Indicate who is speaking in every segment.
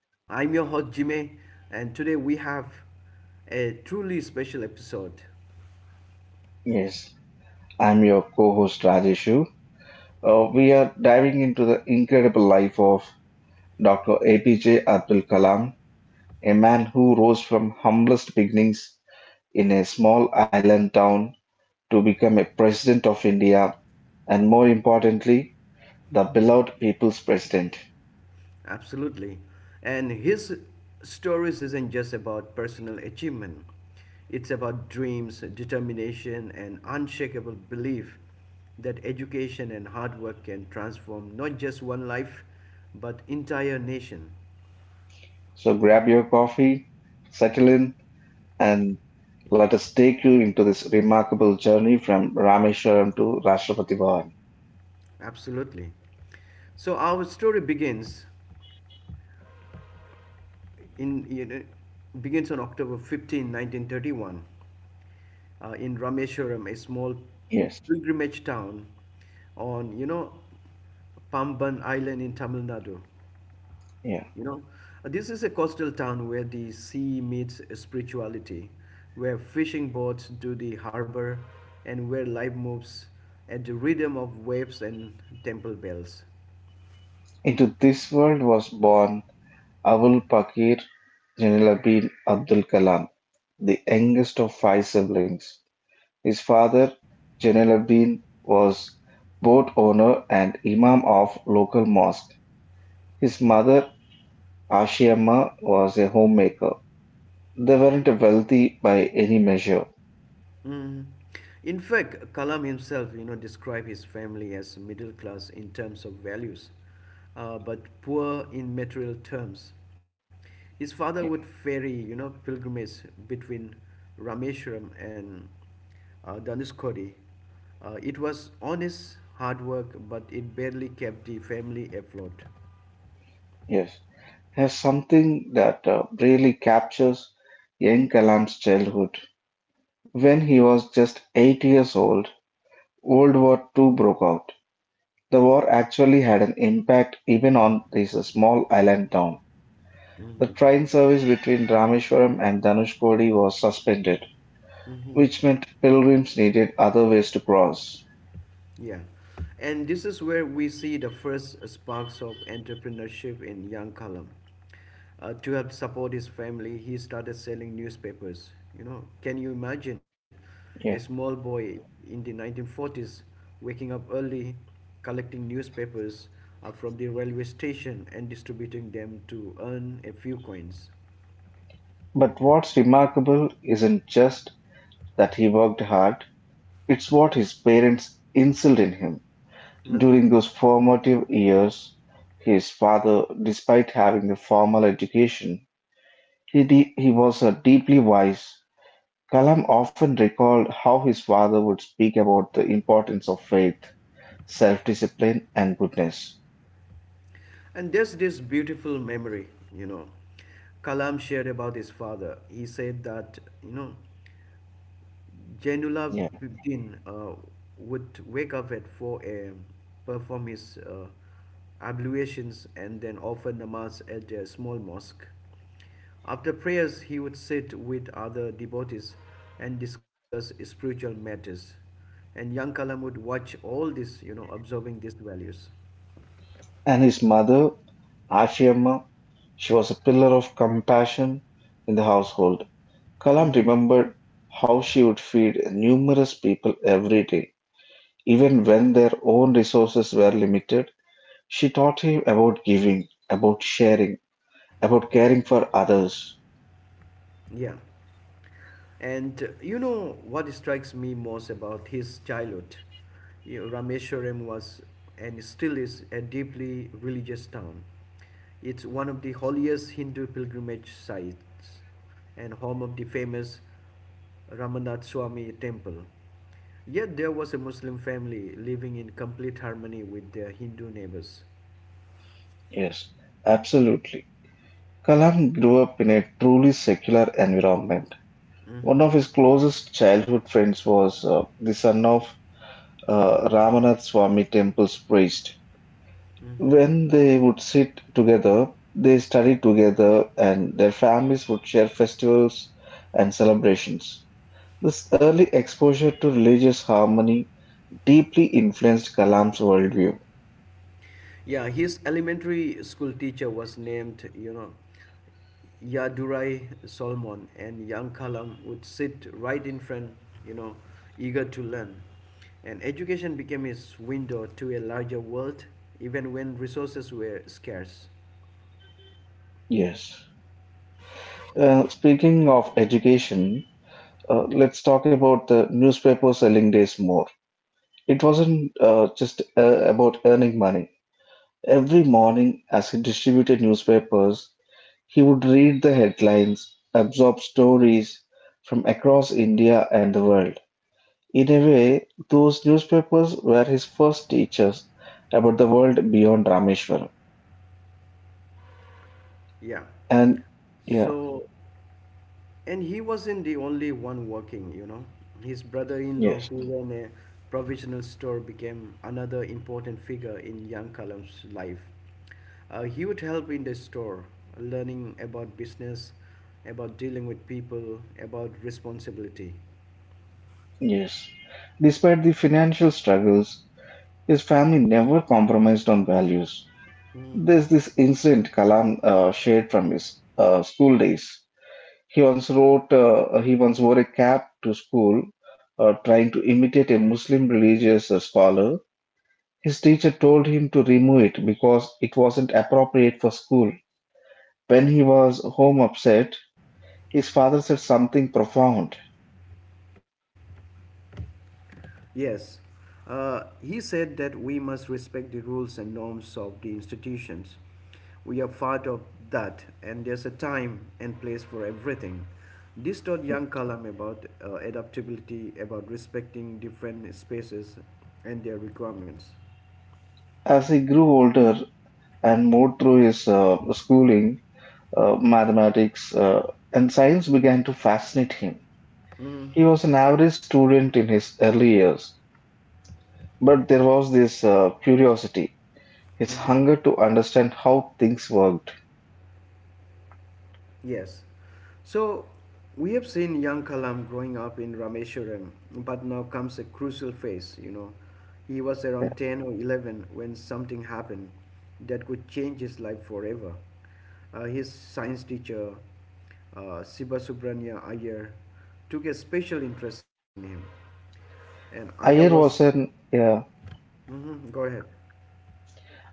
Speaker 1: I'm your host, Jimmy, and today we have a truly special episode.
Speaker 2: Yes, I'm your co-host Rajeshu. We are diving into the incredible life of Dr. APJ Abdul Kalam, a man who rose from humblest beginnings in a small island town to become a president of India, and more importantly, the beloved people's president.
Speaker 1: Absolutely. And his stories isn't just about personal achievement. It's about dreams, determination, and unshakable belief that education and hard work can transform not just one life, but entire nation.
Speaker 2: So grab your coffee, settle in, and let us take you into this remarkable journey from Rameshwaram to Rashtrapati Bhavan.
Speaker 1: Absolutely. So our story in you know, begins on October 15, 1931 in Rameshwaram, a small
Speaker 2: Yes,
Speaker 1: pilgrimage town on, Pamban Island in Tamil Nadu.
Speaker 2: yeah.
Speaker 1: You know, this is a coastal town where the sea meets spirituality, where fishing boats do the harbor, and where life moves at the rhythm of waves and temple bells.
Speaker 2: Into this world was born Abul Pakir Jalaluddin Abdul Kalam, the youngest of five siblings. His father, Jalaluddin, was boat owner and imam of local mosque. His mother, Ashiamma, was a homemaker. They weren't wealthy by any measure.
Speaker 1: Mm. In fact, Kalam himself, described his family as middle class in terms of values, but poor in material terms. His father would ferry, pilgrimages between Rameshwaram and Dhanushkodi. It was honest hard work, but it barely kept the family afloat.
Speaker 2: Yes, has something that really captures young Kalam's childhood. When he was just 8 years old, World War Two broke out. The war actually had an impact even on this small island town. The
Speaker 1: Hmm
Speaker 2: train service between Rameshwaram and Dhanushkodi was suspended,
Speaker 1: hmm
Speaker 2: which meant pilgrims needed other ways to cross.
Speaker 1: Yeah. And this is where we see the first sparks of entrepreneurship in young Kalam. To help support his family, he started selling newspapers. Can you imagine a
Speaker 2: Yeah.
Speaker 1: small boy in the 1940s waking up early, collecting newspapers from the railway station and distributing them to earn a few coins?
Speaker 2: But what's remarkable isn't just that he worked hard, it's what his parents instilled in him.
Speaker 1: Uh,
Speaker 2: During those formative years, his father, despite having a formal education, he was a deeply wise Kalam often recalled how his father would speak about the importance of faith, self-discipline, and goodness.
Speaker 1: and there's this beautiful memory, you know. Kalam shared about his father. He said that, Jainullah
Speaker 2: Yeah.
Speaker 1: Bidin would wake up at 4 a.m., perform his ablutions, and then offer namaz at a small mosque. After prayers, he would sit with other devotees and discuss spiritual matters. And young Kalam would watch all this, observing these values.
Speaker 2: And his mother, Ashiamma, she was a pillar of compassion in the household. Kalam
Speaker 1: Hmm
Speaker 2: remembered how she would feed numerous people every day. Even when their own resources were limited, she taught him about giving, about sharing, about caring for others.
Speaker 1: Yeah. And what strikes me most about his childhood? Rameshwaram was and still is a deeply religious town. It's one of the holiest Hindu pilgrimage sites and home of the famous Ramanath Swami temple. Yet there was a Muslim family living in complete harmony with their Hindu neighbors.
Speaker 2: Yes, absolutely. Kalam grew up in a truly secular environment.
Speaker 1: Hmm
Speaker 2: One of his closest childhood friends was the son of Ramanath Swami temple's priest.
Speaker 1: hmm
Speaker 2: When they would sit together, they studied together and their families would share festivals and celebrations. This early exposure to religious harmony deeply influenced Kalam's worldview.
Speaker 1: Yeah, his elementary school teacher was named, Yadurai Solomon, and young Kalam would sit right in front, you know, eager to learn. And education became his window to a larger world, even when resources were scarce.
Speaker 2: Yes. Speaking of education, let's talk about the newspaper selling days more. It wasn't just about earning money. Every morning, as he distributed newspapers, he would read the headlines, absorb stories from across India and the world. In a way, those newspapers were his first teachers about the world beyond Rameshwaram.
Speaker 1: Yeah.
Speaker 2: And yeah,
Speaker 1: So, And he wasn't the only one working. His brother in law,
Speaker 2: yes,
Speaker 1: who ran a provisional store, became another important figure in young Kalam's life. He would help in the store, learning about business, about dealing with people, about responsibility.
Speaker 2: yes. Despite the financial struggles, his family never compromised on values. There's this incident Kalam shared from his school days. He once wore a cap to school, trying to imitate a Muslim religious scholar. His teacher told him to remove it because it wasn't appropriate for school. When he was home upset, his father said something profound.
Speaker 1: Yes. He said that we must respect the rules and norms of the institutions. We are part of that, and there's a time and place for everything. This taught young Kalam about adaptability, about respecting different spaces and their requirements.
Speaker 2: As he grew older and moved through his schooling, mathematics and science began to fascinate him.
Speaker 1: Mm.
Speaker 2: He was an average student in his early years, but there was this curiosity his
Speaker 1: hmm
Speaker 2: hunger to understand how things worked.
Speaker 1: Yes. So we have seen young Kalam growing up in Rameshwaram, but now comes a crucial phase, He was
Speaker 2: Yeah.
Speaker 1: around 10 or 11 when something happened that could change his life forever. His science teacher, Siba Subranya Iyer, took a special interest in him. And Iyer
Speaker 2: Iyer
Speaker 1: was.
Speaker 2: was an yeah,
Speaker 1: Mhm, go ahead.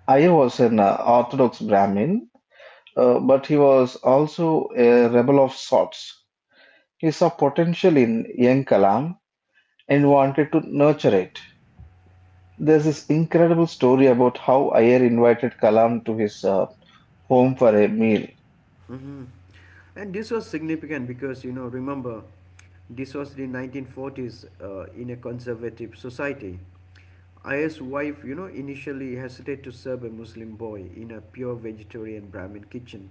Speaker 2: Iyer was an Orthodox Brahmin, but he was also a rebel of sorts. He saw potential in young Kalam and wanted to nurture it. There's this incredible story about how Iyer invited Kalam to his home for a meal.
Speaker 1: Mm-hmm. And this was significant because, remember, this was the 1940s in a conservative society. Ayer's wife, initially hesitated to serve a Muslim boy in a pure vegetarian Brahmin kitchen,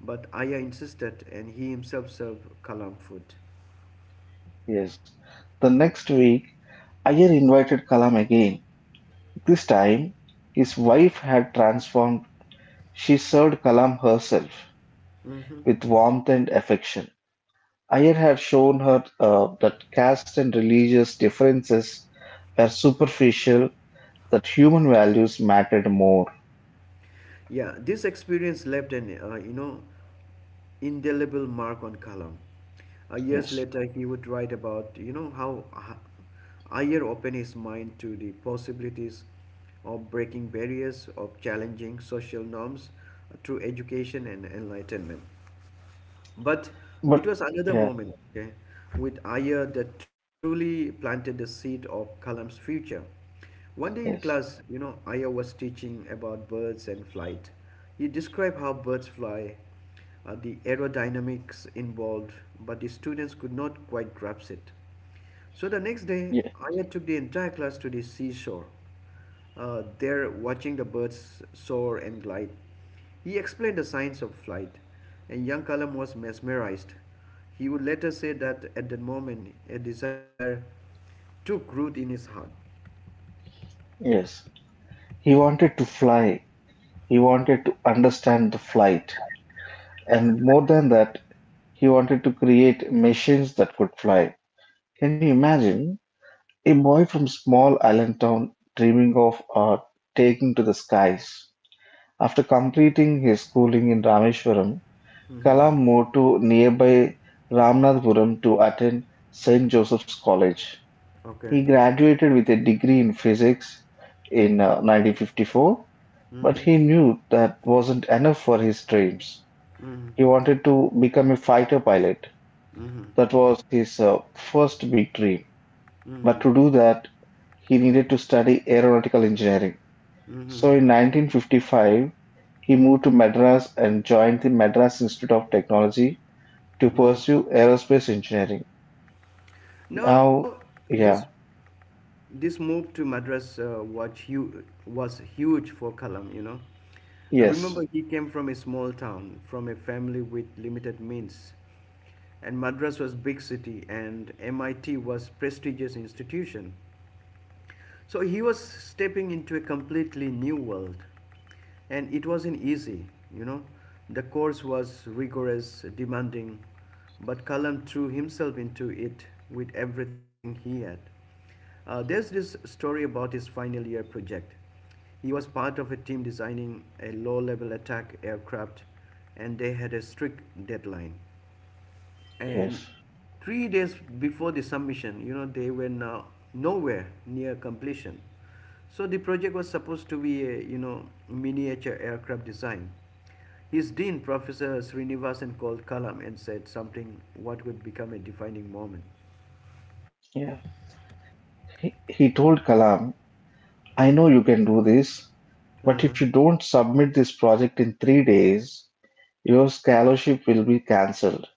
Speaker 1: but Aya insisted and he himself served Kalam food.
Speaker 2: Yes. The next week, Iyer invited Kalam again. This time, his wife had transformed. She served Kalam herself
Speaker 1: Hmm
Speaker 2: with warmth and affection. Iyer had shown her that caste and religious differences were superficial, that human values mattered more.
Speaker 1: Yeah, this experience left an indelible mark on Kalam. Years
Speaker 2: Yes.
Speaker 1: later, he would write about how Ayer opened his mind to the possibilities of breaking barriers, of challenging social norms through education and enlightenment. But it
Speaker 2: But
Speaker 1: was another
Speaker 2: yeah,
Speaker 1: moment, okay, with Aya that truly planted the seed of Kalam's future. One day in
Speaker 2: yes,
Speaker 1: class, Aya was teaching about birds and flight. He described how birds fly, the aerodynamics involved, but the students could not quite grasp it. So the next day,
Speaker 2: yeah,
Speaker 1: Aya took the entire class to the seashore there watching the birds soar and glide. He explained the science of flight, and young Kalam was mesmerized. He would later say that at that moment a desire took root in his heart.
Speaker 2: yes. He wanted to fly. He wanted to understand the flight. And more than that, he wanted to create machines that could fly. Can you imagine? A boy from small island town dreaming of taking to the skies. After completing his schooling in Rameswaram,
Speaker 1: Mm-hmm.
Speaker 2: Kalam moved to nearby Ramnadpuram to attend Saint Joseph's College.
Speaker 1: Okay.
Speaker 2: He graduated with a degree in physics in 1954, but
Speaker 1: Mm-hmm.
Speaker 2: he knew that wasn't enough for his dreams.
Speaker 1: Mm-hmm.
Speaker 2: He wanted to become a fighter pilot.
Speaker 1: Mm-hmm.
Speaker 2: That was his first big dream. But
Speaker 1: Mm-hmm.
Speaker 2: to do that, he needed to study aeronautical engineering.
Speaker 1: Mm-hmm.
Speaker 2: So in 1955, he moved to Madras and joined the Madras Institute of Technology to
Speaker 1: Mm-hmm.
Speaker 2: pursue aerospace engineering.
Speaker 1: Now,
Speaker 2: Now,
Speaker 1: this
Speaker 2: yeah,
Speaker 1: this move to Madras was huge for Kalam, I
Speaker 2: yes,
Speaker 1: remember he came from a small town, from a family with limited means. And Madras was big city and MIT was prestigious institution. So he was stepping into a completely new world, and it wasn't easy, you know. The course was rigorous, demanding, but Kalam threw himself into it with everything he had. There's this story about his final year project. He was part of a team designing a low level attack aircraft, and they had a strict deadline.
Speaker 2: yes,
Speaker 1: And 3 days before the submission, they were nowhere near completion. So the project was supposed to be a, miniature aircraft design. His dean, Professor Srinivasan, called Kalam and said something what would become a defining moment.
Speaker 2: yeah. He told Kalam, I know you can do this, but
Speaker 1: Uh-huh.
Speaker 2: if you don't submit this project in 3 days, your scholarship will be cancelled.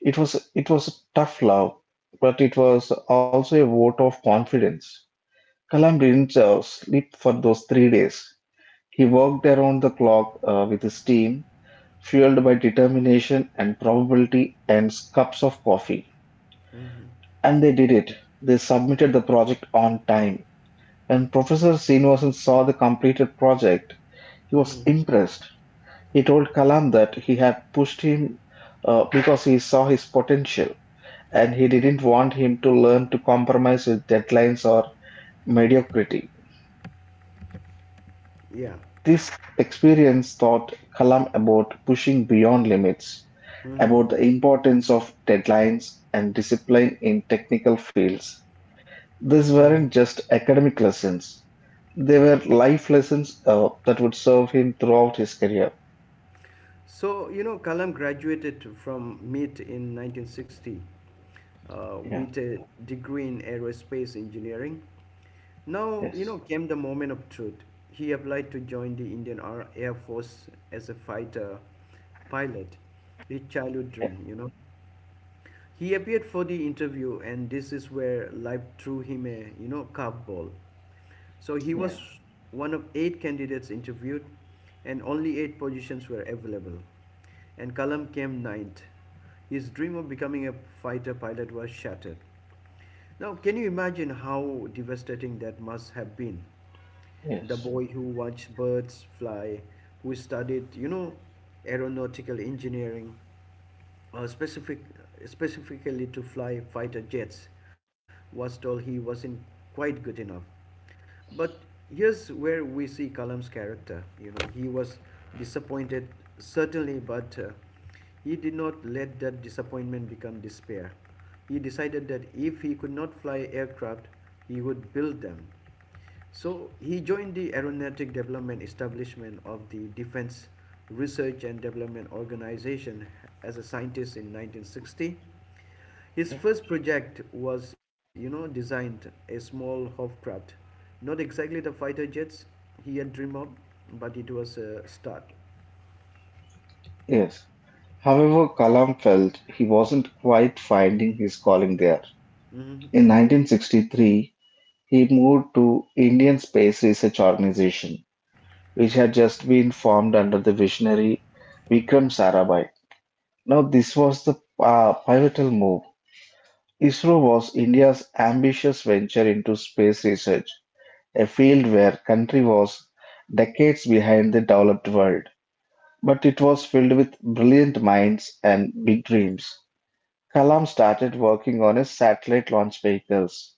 Speaker 2: It was a tough love, but it was also a vote of confidence. Kalam didn't sleep for those 3 days. He worked around the clock with his team fueled by determination and probability and cups of coffee.
Speaker 1: Mm-hmm.
Speaker 2: And they did it. They submitted the project on time. When Professor Srinivasan saw the completed project, he was
Speaker 1: Mm-hmm.
Speaker 2: impressed. He told Kalam that he had pushed him because he saw his potential and he didn't want him to learn to compromise with deadlines or mediocrity.
Speaker 1: Yeah.
Speaker 2: This experience taught Kalam about pushing beyond limits,
Speaker 1: Mm-hmm.
Speaker 2: about the importance of deadlines and discipline in technical fields. These
Speaker 1: Mm-hmm.
Speaker 2: weren't just academic lessons, they were life lessons that would serve him throughout his career.
Speaker 1: So, Kalam graduated from MIT in 1960
Speaker 2: Yeah,
Speaker 1: with a degree in aerospace engineering. Now,
Speaker 2: yes,
Speaker 1: came the moment of truth. He applied to join the Indian Air Force as a fighter pilot, his childhood
Speaker 2: yeah,
Speaker 1: dream, He appeared for the interview, and this is where life threw him a, curveball. So he
Speaker 2: yeah,
Speaker 1: was one of eight candidates interviewed, and only eight positions were available. And Kalam came ninth. His dream of becoming a fighter pilot was shattered. Now, can you imagine how devastating that must have been? The
Speaker 2: yes,
Speaker 1: boy who watched birds fly, who studied, aeronautical engineering, uh, specific, specifically to fly fighter jets, was told he wasn't quite good enough. But here's where we see Kalam's character. He was disappointed, certainly, but he did not let that disappointment become despair. He decided that if he could not fly aircraft, he would build them. So he joined the Aeronautic Development Establishment of the Defense Research and Development Organization as a scientist in 1960. His
Speaker 2: yeah,
Speaker 1: first project was, designed a small hovercraft, not exactly the fighter jets he had dreamed of, but it was a start.
Speaker 2: yes. However, Kalam felt he wasn't quite finding his calling there. In
Speaker 1: Hmm
Speaker 2: 1963, he moved to Indian Space Research Organization, which had just been formed under the visionary Vikram Sarabhai. Now, this was the pivotal move. ISRO was India's ambitious venture into space research, a field where country was decades behind the developed world. But it was filled with brilliant minds and big dreams. Kalam started working on his satellite launch vehicles.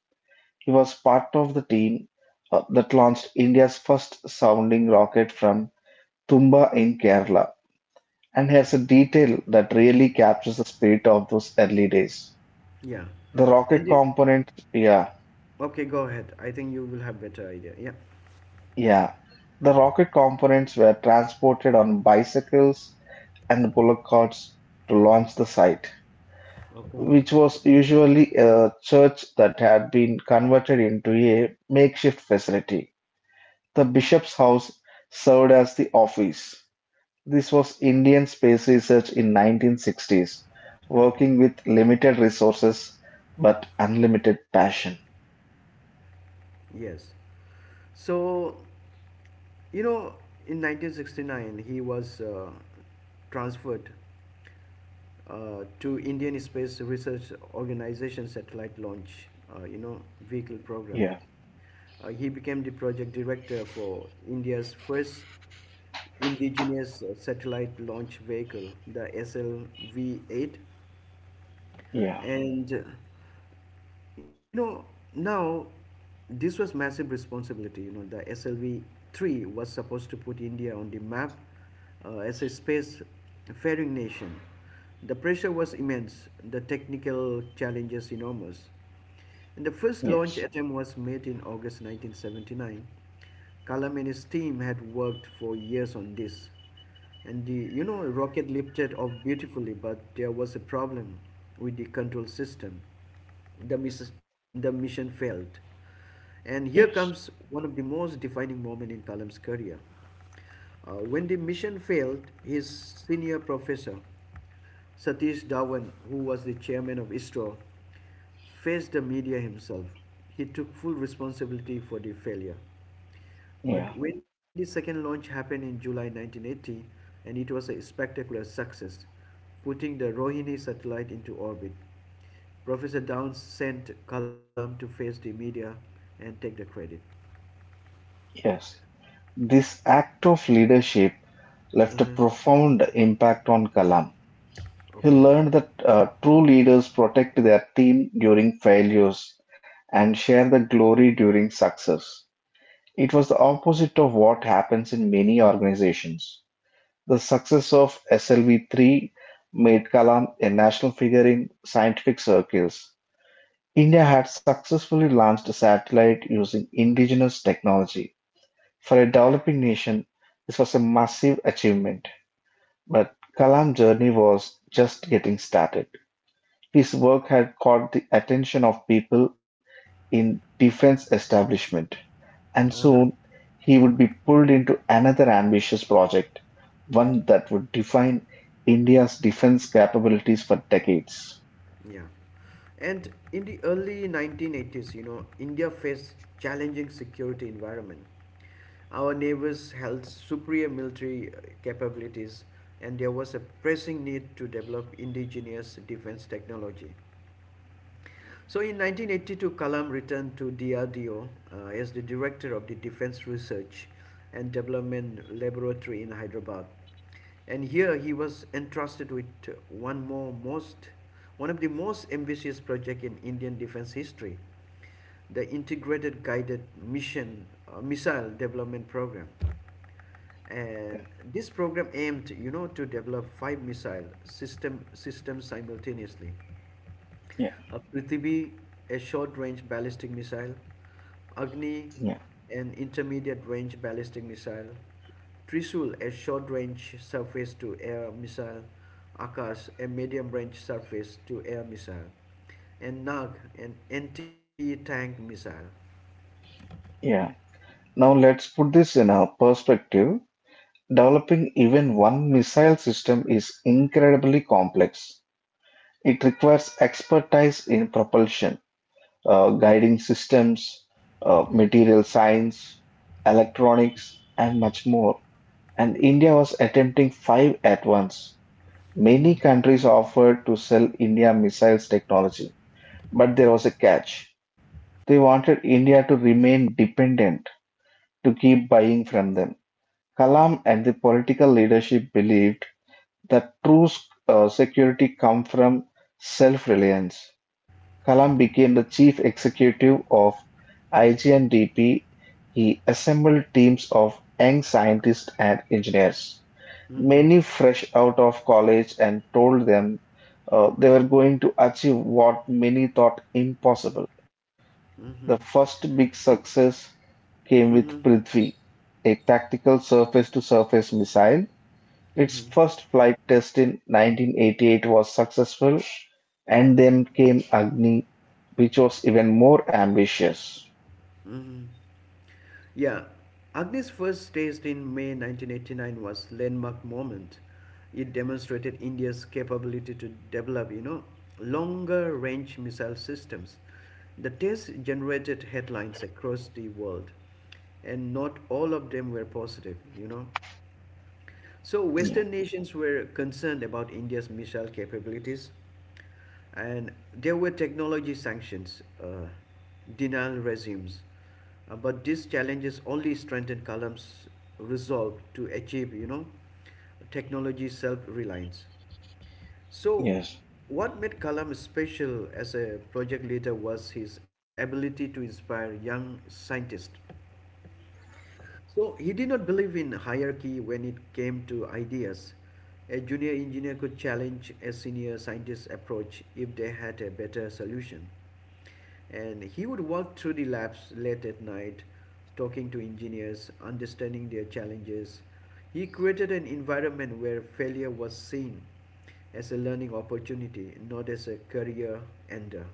Speaker 2: He was part of the team that launched India's first sounding rocket from Tumba in Kerala, and has a detail that really captures the spirit of those early days.
Speaker 1: Yeah,
Speaker 2: The
Speaker 1: and
Speaker 2: rocket
Speaker 1: it,
Speaker 2: component, yeah,
Speaker 1: okay, go ahead. I think you will have better idea. Yeah.
Speaker 2: Yeah. The rocket components were transported on bicycles and bullock carts to launch the site,
Speaker 1: Okay.
Speaker 2: which was usually a church that had been converted into a makeshift facility. The bishop's house served as the office. This was Indian space research in 1960s, working with limited resources but unlimited passion.
Speaker 1: Yes. So, you know, in 1969, he was transferred to Indian Space Research Organization satellite launch, vehicle program.
Speaker 2: Yeah,
Speaker 1: He became the project director for India's first indigenous satellite launch vehicle, the SLV 8.
Speaker 2: yeah,
Speaker 1: And you know now this was massive responsibility the slv 3 was supposed to put india on the map as a space faring nation the pressure was immense the technical challenges enormous and the first launch
Speaker 2: yes,
Speaker 1: attempt was made in August 1979. Kalam and his team had worked for years on this. And the rocket lifted off beautifully, but there was a problem with the control system. The mission failed. And here
Speaker 2: yes,
Speaker 1: comes one of the most defining moments in Kalam's career. When the mission failed, his senior professor, Satish Dhawan, who was the chairman of ISRO, faced the media himself. He took full responsibility for the failure.
Speaker 2: yeah,
Speaker 1: But when the second launch happened in July 1980, and it was a spectacular success, putting the Rohini satellite into orbit, Professor Downs sent Kalam to face the media and take the credit.
Speaker 2: yes. This act of leadership left a
Speaker 1: Uh-huh.
Speaker 2: profound impact on Kalam. He
Speaker 1: Okay.
Speaker 2: learned that true leaders protect their team during failures and share the glory during success. It was the opposite of what happens in many organizations. The success of SLV-3 made Kalam a national figure in scientific circles. India had successfully launched a satellite using indigenous technology. For a developing nation, this was a massive achievement. But Kalam's journey was just getting started. His work had caught the attention of people in defense establishment. And
Speaker 1: Uh-huh.
Speaker 2: soon he would be pulled into another ambitious project, one that would define India's defense capabilities for decades.
Speaker 1: Yeah. And in the early 1980s, India faced challenging security environment. Our neighbors held superior military capabilities and there was a pressing need to develop indigenous defense technology. So in 1982, Kalam returned to DRDO as the director of the Defense Research and Development Laboratory in Hyderabad. And here he was entrusted with one of the most ambitious project in Indian defense history, the Integrated Guided Mission Missile Development Program.
Speaker 2: Yeah.
Speaker 1: And this program aimed, to develop five missile system systems simultaneously.
Speaker 2: Yeah.
Speaker 1: A Prithvi, a short-range ballistic missile. Agni,
Speaker 2: Yeah,
Speaker 1: an intermediate-range ballistic missile. Trishul, a short-range surface-to-air missile. Akash, a medium-range surface-to-air missile. And Nag, an anti-tank missile.
Speaker 2: yeah. Now let's put this in a perspective. Developing even one missile system is incredibly complex. It requires expertise in propulsion, guiding systems, material science, electronics, and much more. And India was attempting five at once.
Speaker 1: Mm-hmm.
Speaker 2: Many countries offered to sell India missiles technology, but there was a catch. They wanted India to remain dependent to keep buying from them. Kalam and the political leadership believed that true security comes from self-reliance. Kalam became the chief executive of IGNDP. He assembled teams of young scientists and engineers
Speaker 1: Mm-hmm.
Speaker 2: many fresh out of college and told them they were going to achieve what many thought impossible.
Speaker 1: Mm-hmm.
Speaker 2: The first big success came
Speaker 1: Mm-hmm.
Speaker 2: with Prithvi, a tactical surface to surface missile. Its
Speaker 1: Mm-hmm.
Speaker 2: first flight test in 1988 was successful, and then came Agni, which was even more ambitious.
Speaker 1: Mm-hmm. Yeah, Agni's first taste in May 1989 was landmark moment. It demonstrated India's capability to develop, longer range missile systems. The test generated headlines across the world, and not all of them were positive, So,
Speaker 2: Yeah,
Speaker 1: Western nations were concerned about India's missile capabilities, and there were technology sanctions, denial regimes. But these challenges only strengthened Kalam's resolve to achieve, technology self reliance. So,
Speaker 2: yes,
Speaker 1: what made Kalam special as a project leader was his ability to inspire young scientists so he did not believe in hierarchy when it came to ideas. A junior engineer could challenge a senior scientist's approach if they had a better solution. And he would walk through the labs late at night, talking to engineers, understanding their challenges. He created an environment where failure was seen as a learning opportunity, not as a career ender.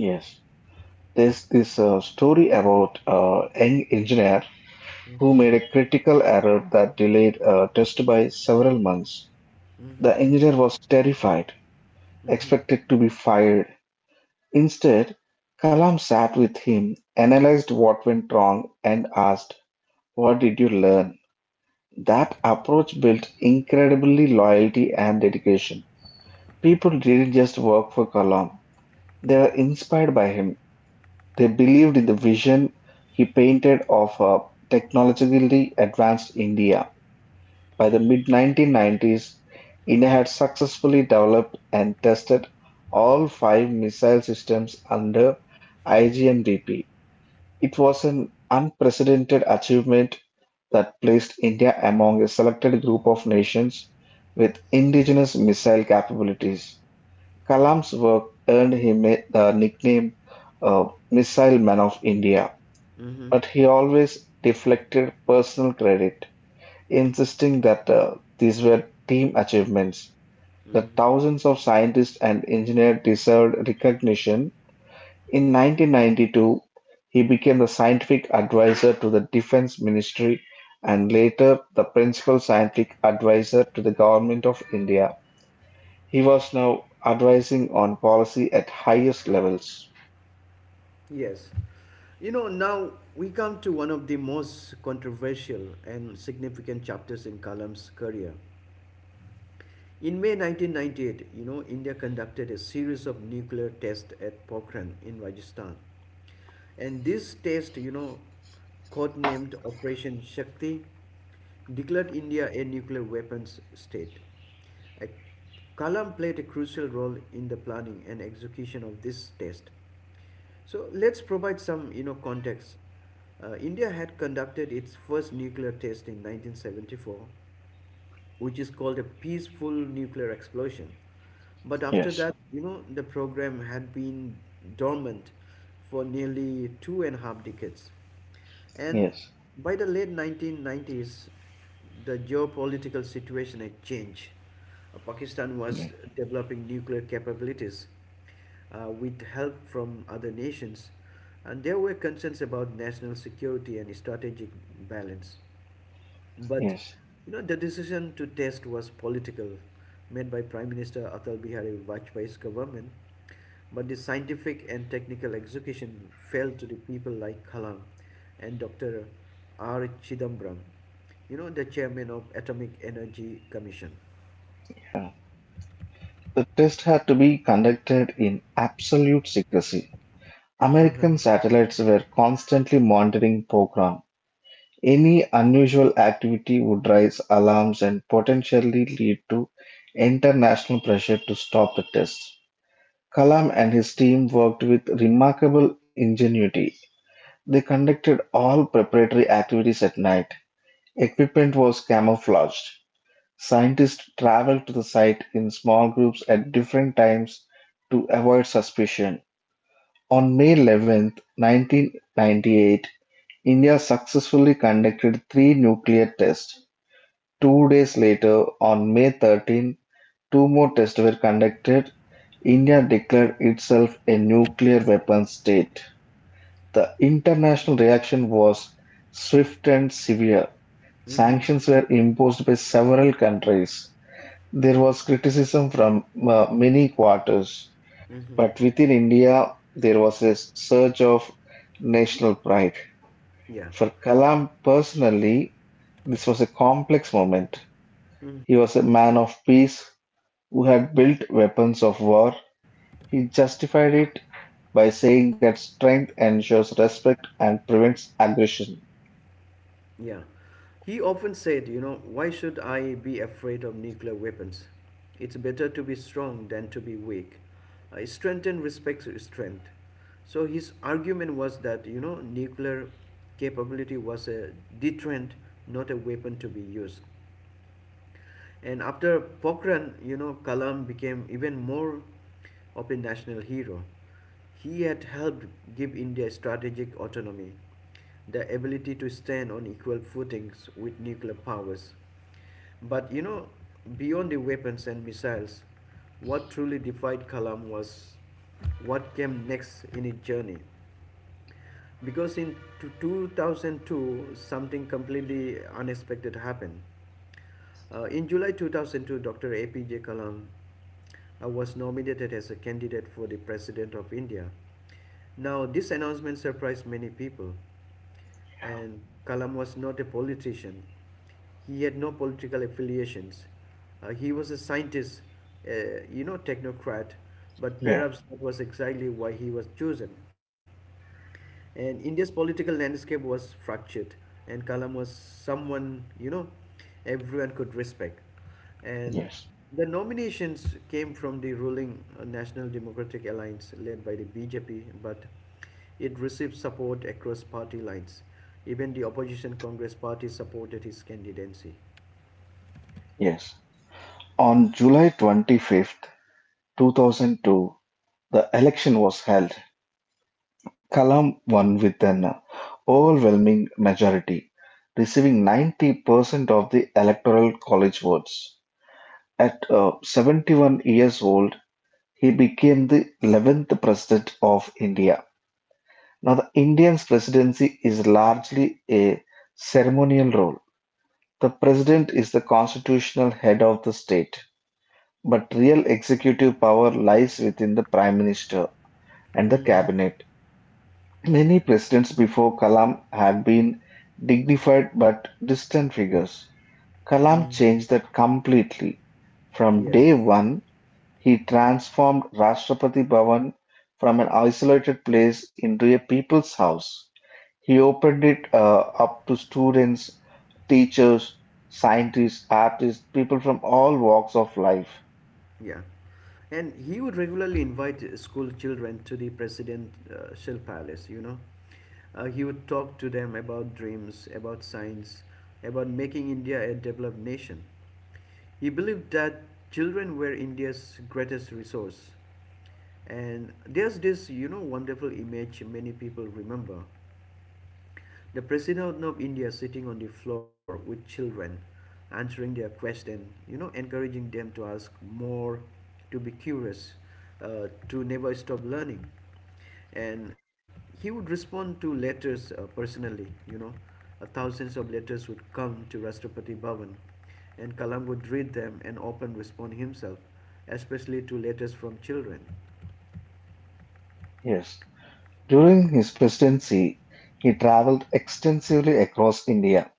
Speaker 2: yes. There's this story about young engineer who
Speaker 1: hmm
Speaker 2: made a critical error that delayed a test by several months.
Speaker 1: hmm
Speaker 2: The engineer was terrified, expected to be fired. Instead, Kalam sat with him, analyzed what went wrong, and asked, What did you learn? That approach built incredibly loyalty and dedication. People didn't just work for Kalam, they were inspired by him. They believed in the vision he painted of a technologically advanced India. By the mid-1990s, India had successfully developed and tested all five missile systems under IGMDP. It was an unprecedented achievement that placed India among a selected group of nations with indigenous missile capabilities. Kalam's work earned him the nickname uh, Missile Man of India,
Speaker 1: hmm
Speaker 2: but he always deflected personal credit insisting that these were team achievements. The
Speaker 1: hmm
Speaker 2: thousands of scientists and engineers deserved recognition. In 1992, he became the scientific advisor to the Defense Ministry and later the principal scientific advisor to the Government of India. He was now advising on policy at highest levels.
Speaker 1: Yes. Now we come to one of the most controversial and significant chapters in Kalam's career in May 1998. India conducted a series of nuclear tests at Pokhran in Rajasthan. And this test, codenamed Operation Shakti, declared India a nuclear weapons state. A- Kalam played a crucial role in the planning and execution of this test. So let's provide some, context. India had conducted its first nuclear test in 1974, which is called a peaceful nuclear explosion. But after
Speaker 2: Yes.
Speaker 1: that, the program had been dormant for nearly two and a half decades. And
Speaker 2: Yes,
Speaker 1: by the late 1990s, the geopolitical situation had changed. Pakistan was
Speaker 2: yes,
Speaker 1: developing nuclear capabilities with help from other nations, and there were concerns about national security and strategic balance. But
Speaker 2: yes.
Speaker 1: the decision to test was political, made by Prime Minister Atal Bihari Vajpayee's government, but the scientific and technical execution fell to the people like Kalam and Dr. R. Chidambaram, the chairman of Atomic Energy Commission.
Speaker 2: Yeah. The test had to be conducted in absolute secrecy.
Speaker 1: Uh huh.
Speaker 2: American satellites were constantly monitoring program. Any unusual activity would raise alarms and potentially lead to international pressure to stop the test. Kalam and his team worked with remarkable ingenuity. They conducted all preparatory activities at night. Equipment was camouflaged. Scientists traveled to the site in small groups at different times to avoid suspicion. On May 11th, 1998, India successfully conducted three nuclear tests; 2 days later, on May 13, two more tests were conducted. India declared itself a nuclear weapons state. The international reaction was swift and severe.
Speaker 1: Mm hmm.
Speaker 2: Sanctions were imposed by several countries. There was criticism from many quarters, but within India, there was a surge of national pride.
Speaker 1: Yeah.
Speaker 2: For Kalam personally, this was a complex moment.
Speaker 1: Mhm.
Speaker 2: He was a man of peace who had built weapons of war. He justified it by saying that strength ensures respect and prevents aggression.
Speaker 1: Yeah. He often said, why should I be afraid of nuclear weapons? It's better to be strong than to be weak. Strength and respects strength. So his argument was that, nuclear capability was a deterrent, not a weapon to be used. And after Pokhran, Kalam became even more of a national hero. He had helped give India strategic autonomy, the ability to stand on equal footings with nuclear powers. But beyond the weapons and missiles, what truly defied Kalam was what came next in his journey because in 2002 something completely unexpected happened. In july 2002 dr apj kalam was nominated as a candidate for the president of india. Now this announcement surprised many people, and kalam was not a politician. He had no political affiliations. He was a scientist, technocrat, but
Speaker 2: Yeah,
Speaker 1: perhaps that was exactly why he was chosen, and India's political landscape was fractured, and Kalam was someone everyone could respect, and
Speaker 2: yes,
Speaker 1: the nominations came from the ruling National Democratic Alliance led by the BJP, but it received support across party lines. Even the opposition Congress party supported his candidacy.
Speaker 2: yes. On July 25th, 2002, the election was held. Kalam won with an overwhelming majority, receiving 90% of the Electoral College votes. At 71 years old, he became the eleventh President of India. Now, the Indian presidency is largely a ceremonial role. The president is the constitutional head of the state, but real executive power lies within the prime minister and the
Speaker 1: Mm,
Speaker 2: cabinet. Many presidents before Kalam had been dignified but distant figures. Kalam
Speaker 1: mm,
Speaker 2: changed that completely. From
Speaker 1: yes,
Speaker 2: day one, he transformed Rashtrapati Bhavan from an isolated place into a people's house. He opened it up to students, teachers, scientists, artists, people from all walks of life.
Speaker 1: yeah. And he would regularly invite school children to the presidential palace. He would talk to them about dreams, about science, about making India a developed nation. He believed that children were India's greatest resource. And there's this, wonderful image many people remember: the president of India sitting on the floor with children, answering their question, encouraging them to ask more, to be curious, to never stop learning. And he would respond to letters personally, you know. Thousands of letters would come to Rashtrapati Bhavan, and Kalam would read them and often respond himself, especially to letters from children.
Speaker 2: Yes. During his presidency, he traveled extensively across India.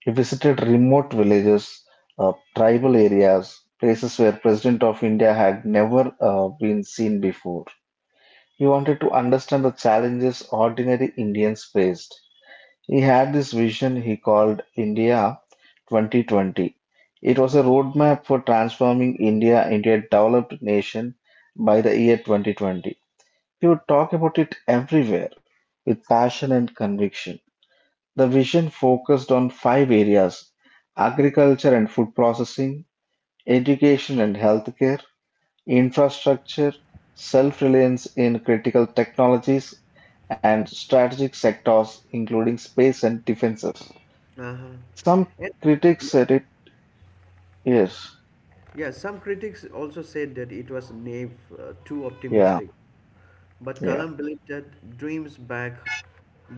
Speaker 2: He visited remote villages, tribal areas, places where President of India had never been seen before. He wanted to understand the challenges ordinary Indians faced. He had this vision he called India 2020. It was a roadmap for transforming India into a developed nation by the year 2020. He would talk about it everywhere with passion and conviction. The vision focused on five areas: agriculture and food processing, education and healthcare, infrastructure, self-reliance in critical technologies, and strategic sectors including space and defenses.
Speaker 1: Uh-huh.
Speaker 2: Some
Speaker 1: And
Speaker 2: critics said it. Yes,
Speaker 1: Yeah, some critics also said that it was naive, too
Speaker 2: yeah,
Speaker 1: optimistic. But
Speaker 2: yeah.
Speaker 1: Kalam believed that dreams backed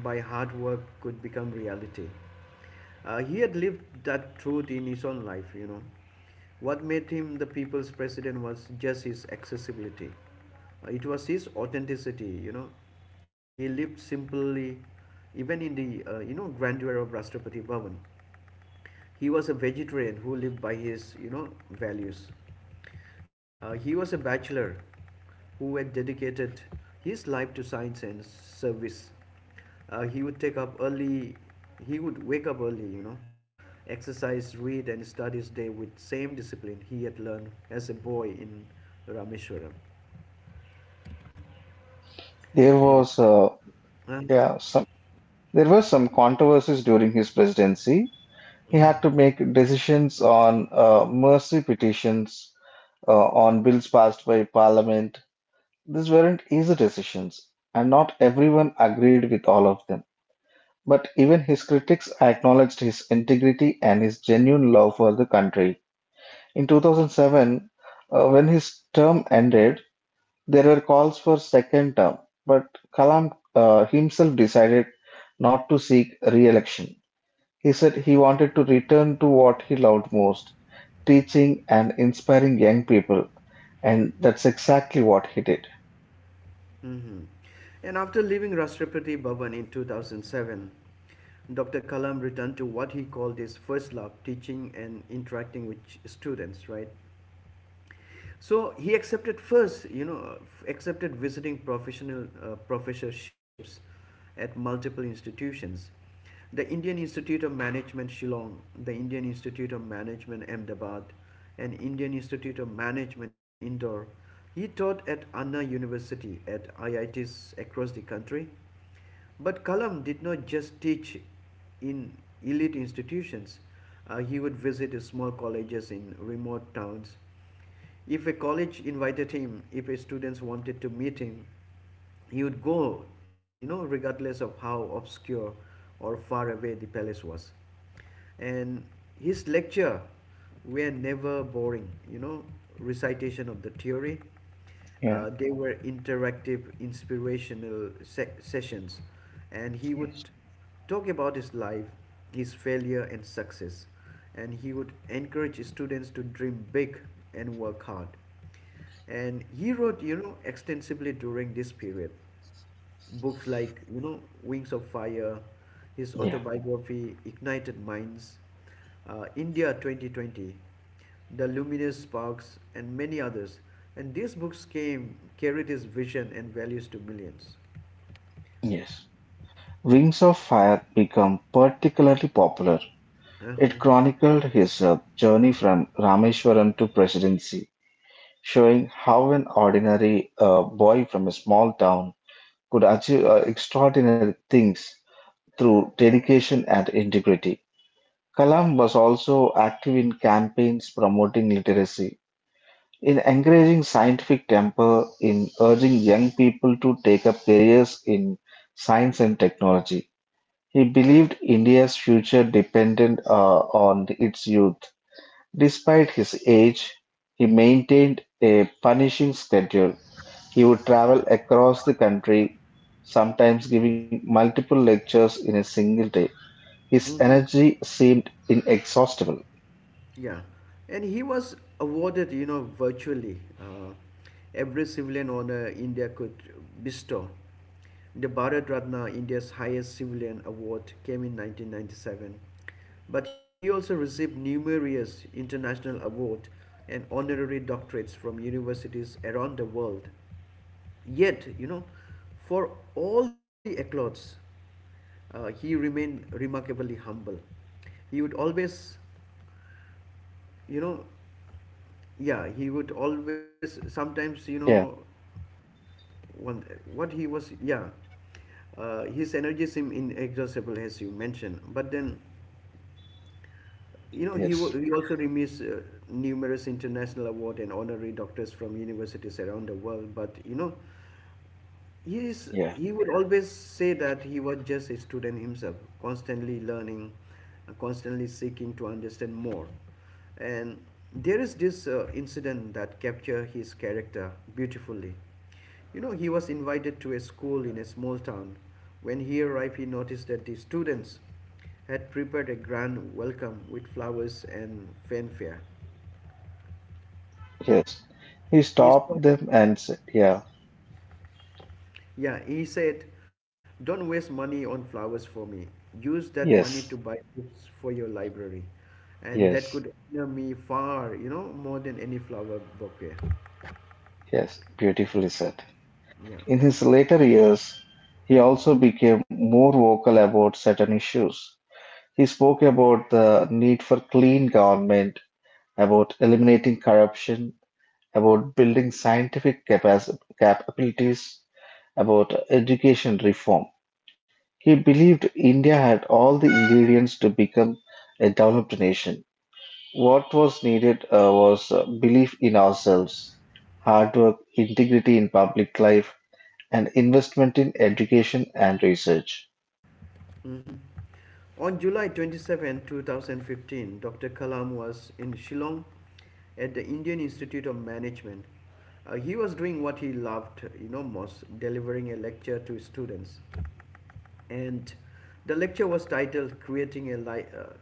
Speaker 1: by hard work could become reality. He had lived that truth in his own life. What made him the people's president was just his accessibility. It was his authenticity, He lived simply, even in the, grandeur of Rashtrapati Bhavan. He was a vegetarian who lived by his, values. He was a bachelor who had dedicated his life to science and service. Uh, he would take up early, he would wake up early, exercise, read, and study his day with same discipline he had learned as a boy in Rameshwaram.
Speaker 2: There
Speaker 1: And
Speaker 2: was, uh,
Speaker 1: uh,
Speaker 2: yeah, some there were some controversies during his presidency. He
Speaker 1: mhm,
Speaker 2: had to make decisions on mercy petitions, on bills passed by Parliament. These weren't easy decisions, and not everyone agreed with all of them. But even his critics acknowledged his integrity and his genuine love for the country. In 2007, when his term ended, there were calls for second term, but Kalam himself decided not to seek re-election. He said he wanted to return to what he loved most, teaching and inspiring young people, and that's exactly what he did.
Speaker 1: mhm. And after leaving Rashtrapati Bhavan in 2007, Dr. Kalam returned to what he called his first love, teaching and interacting with students, right? So he accepted first, you know, accepted visiting professional professorships at multiple institutions: the Indian Institute of Management Shillong, the Indian Institute of Management Ahmedabad, and Indian Institute of Management Indore. He taught at Anna University at IITs across the country. But Kalam did not just teach in elite institutions. He would visit small colleges in remote towns. If a college invited him, if a students wanted to meet him, he would go, regardless of how obscure or far away the palace was. And his lecture were never boring, recitation of the theory.
Speaker 2: Yeah.
Speaker 1: They were interactive inspirational sessions, and he
Speaker 2: Yes.
Speaker 1: would talk about his life, his failure and success, and he would encourage students to dream big and work hard. And he wrote extensively during this period books like Wings of Fire, his
Speaker 2: Yeah.
Speaker 1: autobiography, Ignited Minds, India 2020, The Luminous Sparks, and many others. And these books came carried his vision and values to millions.
Speaker 2: Yes. Wings of Fire became particularly popular. It chronicled his journey from Rameshwaram to presidency, showing how an ordinary boy from a small town could achieve extraordinary things through dedication and integrity. Kalam was also active in campaigns promoting literacy, in encouraging scientific temper, in urging young people to take up careers in science and technology. He believed India's future depended on its youth. Despite his age, he maintained a punishing schedule; he would travel across the country, sometimes giving multiple lectures in a single day. His
Speaker 1: Mm-hmm.
Speaker 2: energy seemed inexhaustible.
Speaker 1: Yeah, and he was awarded, virtually every civilian honor India could bestow. The Bharat Ratna, India's highest civilian award, came in 1997. But he also received numerous international awards and honorary doctorates from universities around the world. Yet, for all the accolades, he remained remarkably humble. He would always, you know, yeah he would always sometimes you know
Speaker 2: Yeah,
Speaker 1: one what he was yeah His energy seemed inexhaustible as you mentioned, but then
Speaker 2: yes,
Speaker 1: he also remits numerous international award and honorary doctors from universities around the world, but yes,
Speaker 2: yeah,
Speaker 1: he would always say that he was just a student himself, constantly learning, constantly seeking to understand more. And there is this incident that capture his character beautifully. You know, he was invited to a school in a small town. When he arrived, he noticed that the students had prepared a grand welcome with flowers and fanfare.
Speaker 2: yes. He
Speaker 1: He saw
Speaker 2: stopped them and said, yeah,
Speaker 1: Yeah, he said, "Don't waste money on flowers for me. Use that money to
Speaker 2: yes,
Speaker 1: buy books for your library. And that
Speaker 2: yes,
Speaker 1: could honor me far, more than any flower bouquet."
Speaker 2: yes, beautifully said.
Speaker 1: Yeah.
Speaker 2: In his later years, he also became more vocal about certain issues. He spoke about the need for clean government, about eliminating corruption, about building capabilities, about education reform. He believed India had all the ingredients to become a developed nation. What was needed was belief in ourselves, hard work, integrity in public life, and investment in education and research.
Speaker 1: Mhm. On July 27, 2015, Dr. Kalam was in Shillong at the Indian Institute of Management. He was doing what he loved, most delivering a lecture to students. And the lecture was titled Creating a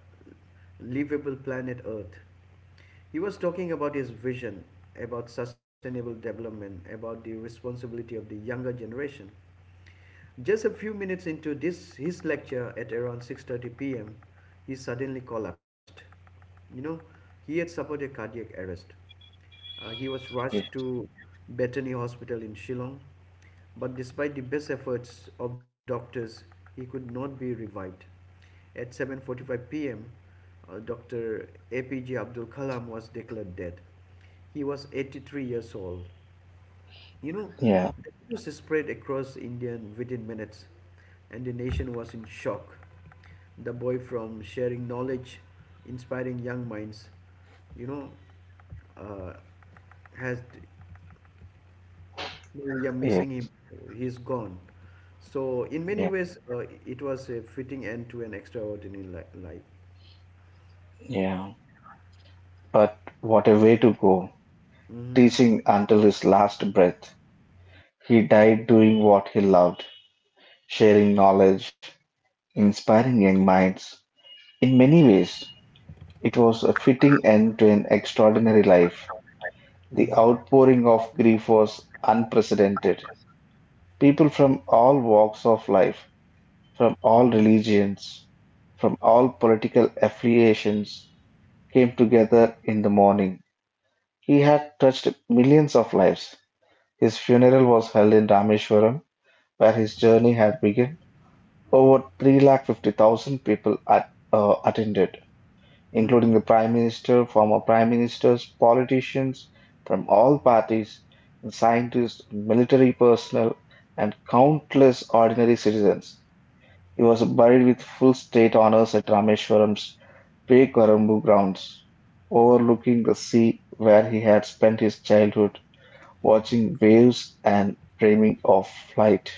Speaker 1: Livable Planet Earth. He was talking about his vision, about sustainable development, about the responsibility of the younger generation. Just a few minutes into this his lecture at around 6:30 p.m., he suddenly collapsed. You know, he had suffered a cardiac arrest. He was
Speaker 2: Yeah,
Speaker 1: rushed to Bethany Hospital in Shillong, but despite the best efforts of doctors, he could not be revived. At 7:45 p.m., Dr. APJ Abdul Kalam was declared dead. He was 83 years old. You know,
Speaker 2: yeah,
Speaker 1: the news spread across India within minutes, and the nation was in shock. The boy from sharing knowledge, inspiring young minds, you know, uh, has we are
Speaker 2: yeah,
Speaker 1: missing him. He's gone. So in many
Speaker 2: yeah.
Speaker 1: ways, it was a fitting end to an extraordinary life.
Speaker 2: Yeah. But what a way to go,
Speaker 1: hmm
Speaker 2: teaching until his last breath. He died doing what he loved, sharing knowledge, inspiring young minds. In many ways, it was a fitting end to an extraordinary life. The outpouring of grief was unprecedented. People from all walks of life, from all
Speaker 1: hmm
Speaker 2: religions, from all political affiliations came together in the morning. He had touched millions of lives. His funeral was held in Rameshwaram, where his journey had begun. Over 350,000 people attended,
Speaker 1: hmm
Speaker 2: including the Prime Minister, former Prime Ministers, politicians from all parties, scientists, military personnel, and countless ordinary citizens. He was buried with full state honors at Rameshwaram's Perumbur grounds, overlooking the sea where he had spent his childhood, watching waves and dreaming of flight.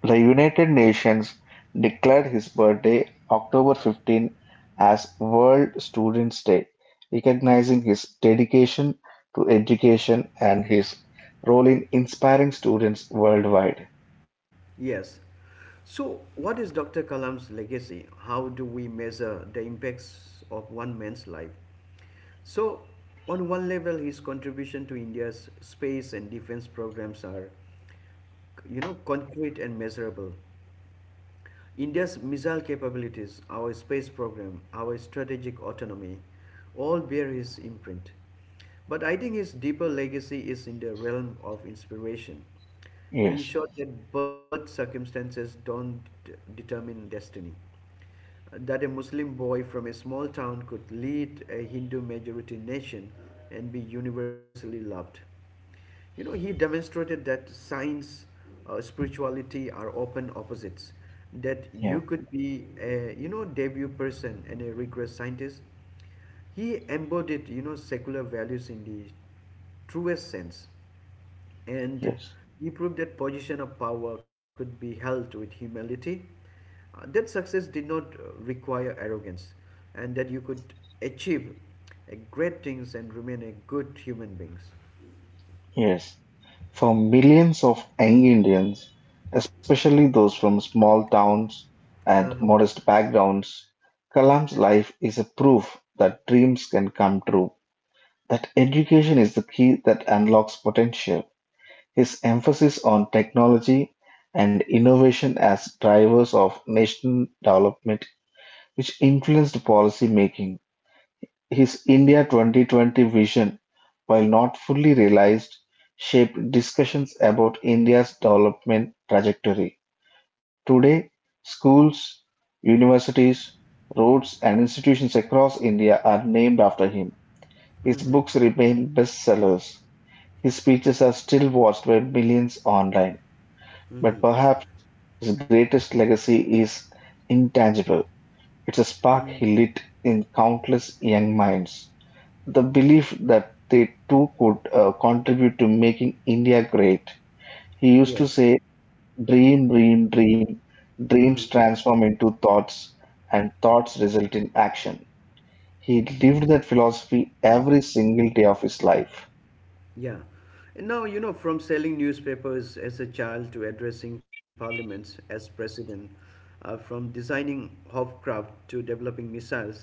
Speaker 2: The United Nations declared his birthday, October 15, as World Students' Day, recognizing his dedication to education and his role in inspiring students worldwide.
Speaker 1: Yes. So, what is Dr. Kalam's legacy? How do we measure the impacts of one man's life? So, on one level, his contribution to India's space and defense programs are, concrete and measurable. India's missile capabilities, our space program, our strategic autonomy all bear his imprint. But I think his deeper legacy is in the realm of inspiration. He
Speaker 2: Yes,
Speaker 1: showed that birth circumstances don't determine destiny, that a Muslim boy from a small town could lead a Hindu majority nation and be universally loved. You know, he demonstrated that science, spirituality are open opposites. That
Speaker 2: yeah,
Speaker 1: you could be a debut person and a rigorous scientist. He embodied secular values in the truest sense, and
Speaker 2: yes,
Speaker 1: he proved that position of power could be held with humility, that success did not require arrogance, and that you could achieve great things and remain a good human beings.
Speaker 2: yes. For millions of young Indians, especially those from small towns and
Speaker 1: Uh-huh.
Speaker 2: modest backgrounds, Kalam's life is a proof that dreams can come true, that education is the key that unlocks potential. His emphasis on technology and innovation as drivers of national development, which influenced policy making. His India 2020 vision, while not fully realized, shaped discussions about India's development trajectory. Today, schools, universities, roads, and institutions across India are named after him. His
Speaker 1: hmm
Speaker 2: books remain bestsellers, his speeches are still watched by millions online, but
Speaker 1: hmm
Speaker 2: perhaps his greatest legacy is intangible. It's a
Speaker 1: hmm
Speaker 2: spark he lit in countless young minds, the belief that they too could contribute to making India great. He used to
Speaker 1: Yes.
Speaker 2: say, dream, dream, dream, dreams
Speaker 1: hmm
Speaker 2: transform into thoughts, and thoughts result in action. He lived that philosophy every single day of his life.
Speaker 1: Yeah. And now, from selling newspapers as a child to addressing parliaments as president, from designing Hofcraft to developing missiles,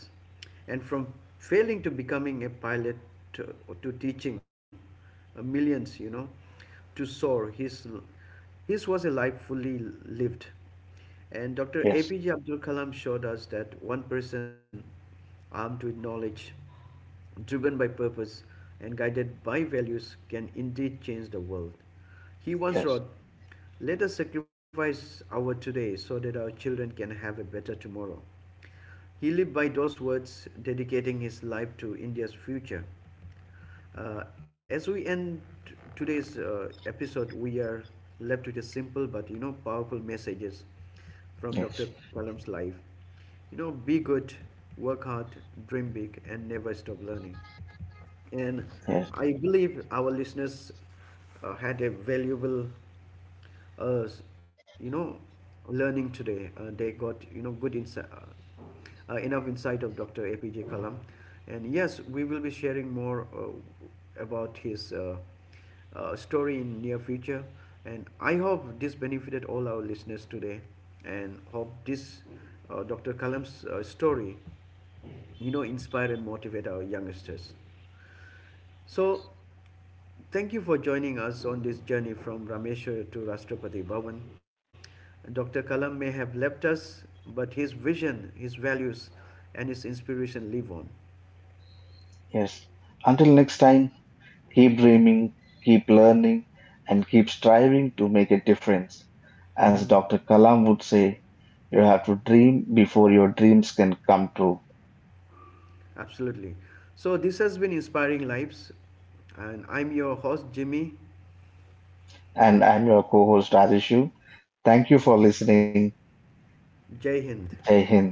Speaker 1: and from failing to becoming a pilot to, to teaching millions, to soar, his was a life fully lived. And Dr.
Speaker 2: Yes,
Speaker 1: APJ Abdul Kalam showed us that one person armed with knowledge, driven by purpose, and guided by values can indeed change the world. He once
Speaker 2: yes,
Speaker 1: wrote, "Let us sacrifice our today so that our children can have a better tomorrow." He lived by those words, dedicating his life to India's future. As we end today's episode, we are left with a simple but powerful messages from
Speaker 2: yes,
Speaker 1: Dr. Kalam's life. You know, be good, work hard, dream big, and never stop learning. And
Speaker 2: yes.
Speaker 1: I believe our listeners had a valuable uh, s- you know, learning today. They got good insight, enough insight of Dr. APJ Kalam, and yes, we will be sharing more about his story in near future. And I hope this benefited all our listeners today, and hope this Dr. Kalam's story, inspire and motivate our youngsters. So, thank you for joining us on this journey from Rameshwar to Rashtrapati Bhavan. Dr. Kalam may have left us, but his vision, his values, and his inspiration live on.
Speaker 2: Yes. Until next time, keep dreaming, keep learning, and keep striving to make a difference. As
Speaker 1: Mhm.
Speaker 2: Dr. Kalam would say, you have to dream before your dreams can come true.
Speaker 1: Absolutely. So, this has been Inspiring Lives, and I'm your host, Jimmy.
Speaker 2: And I'm your co host, Rajeshu. Thank you for listening.
Speaker 1: Jai Hind.
Speaker 2: Jai Hind.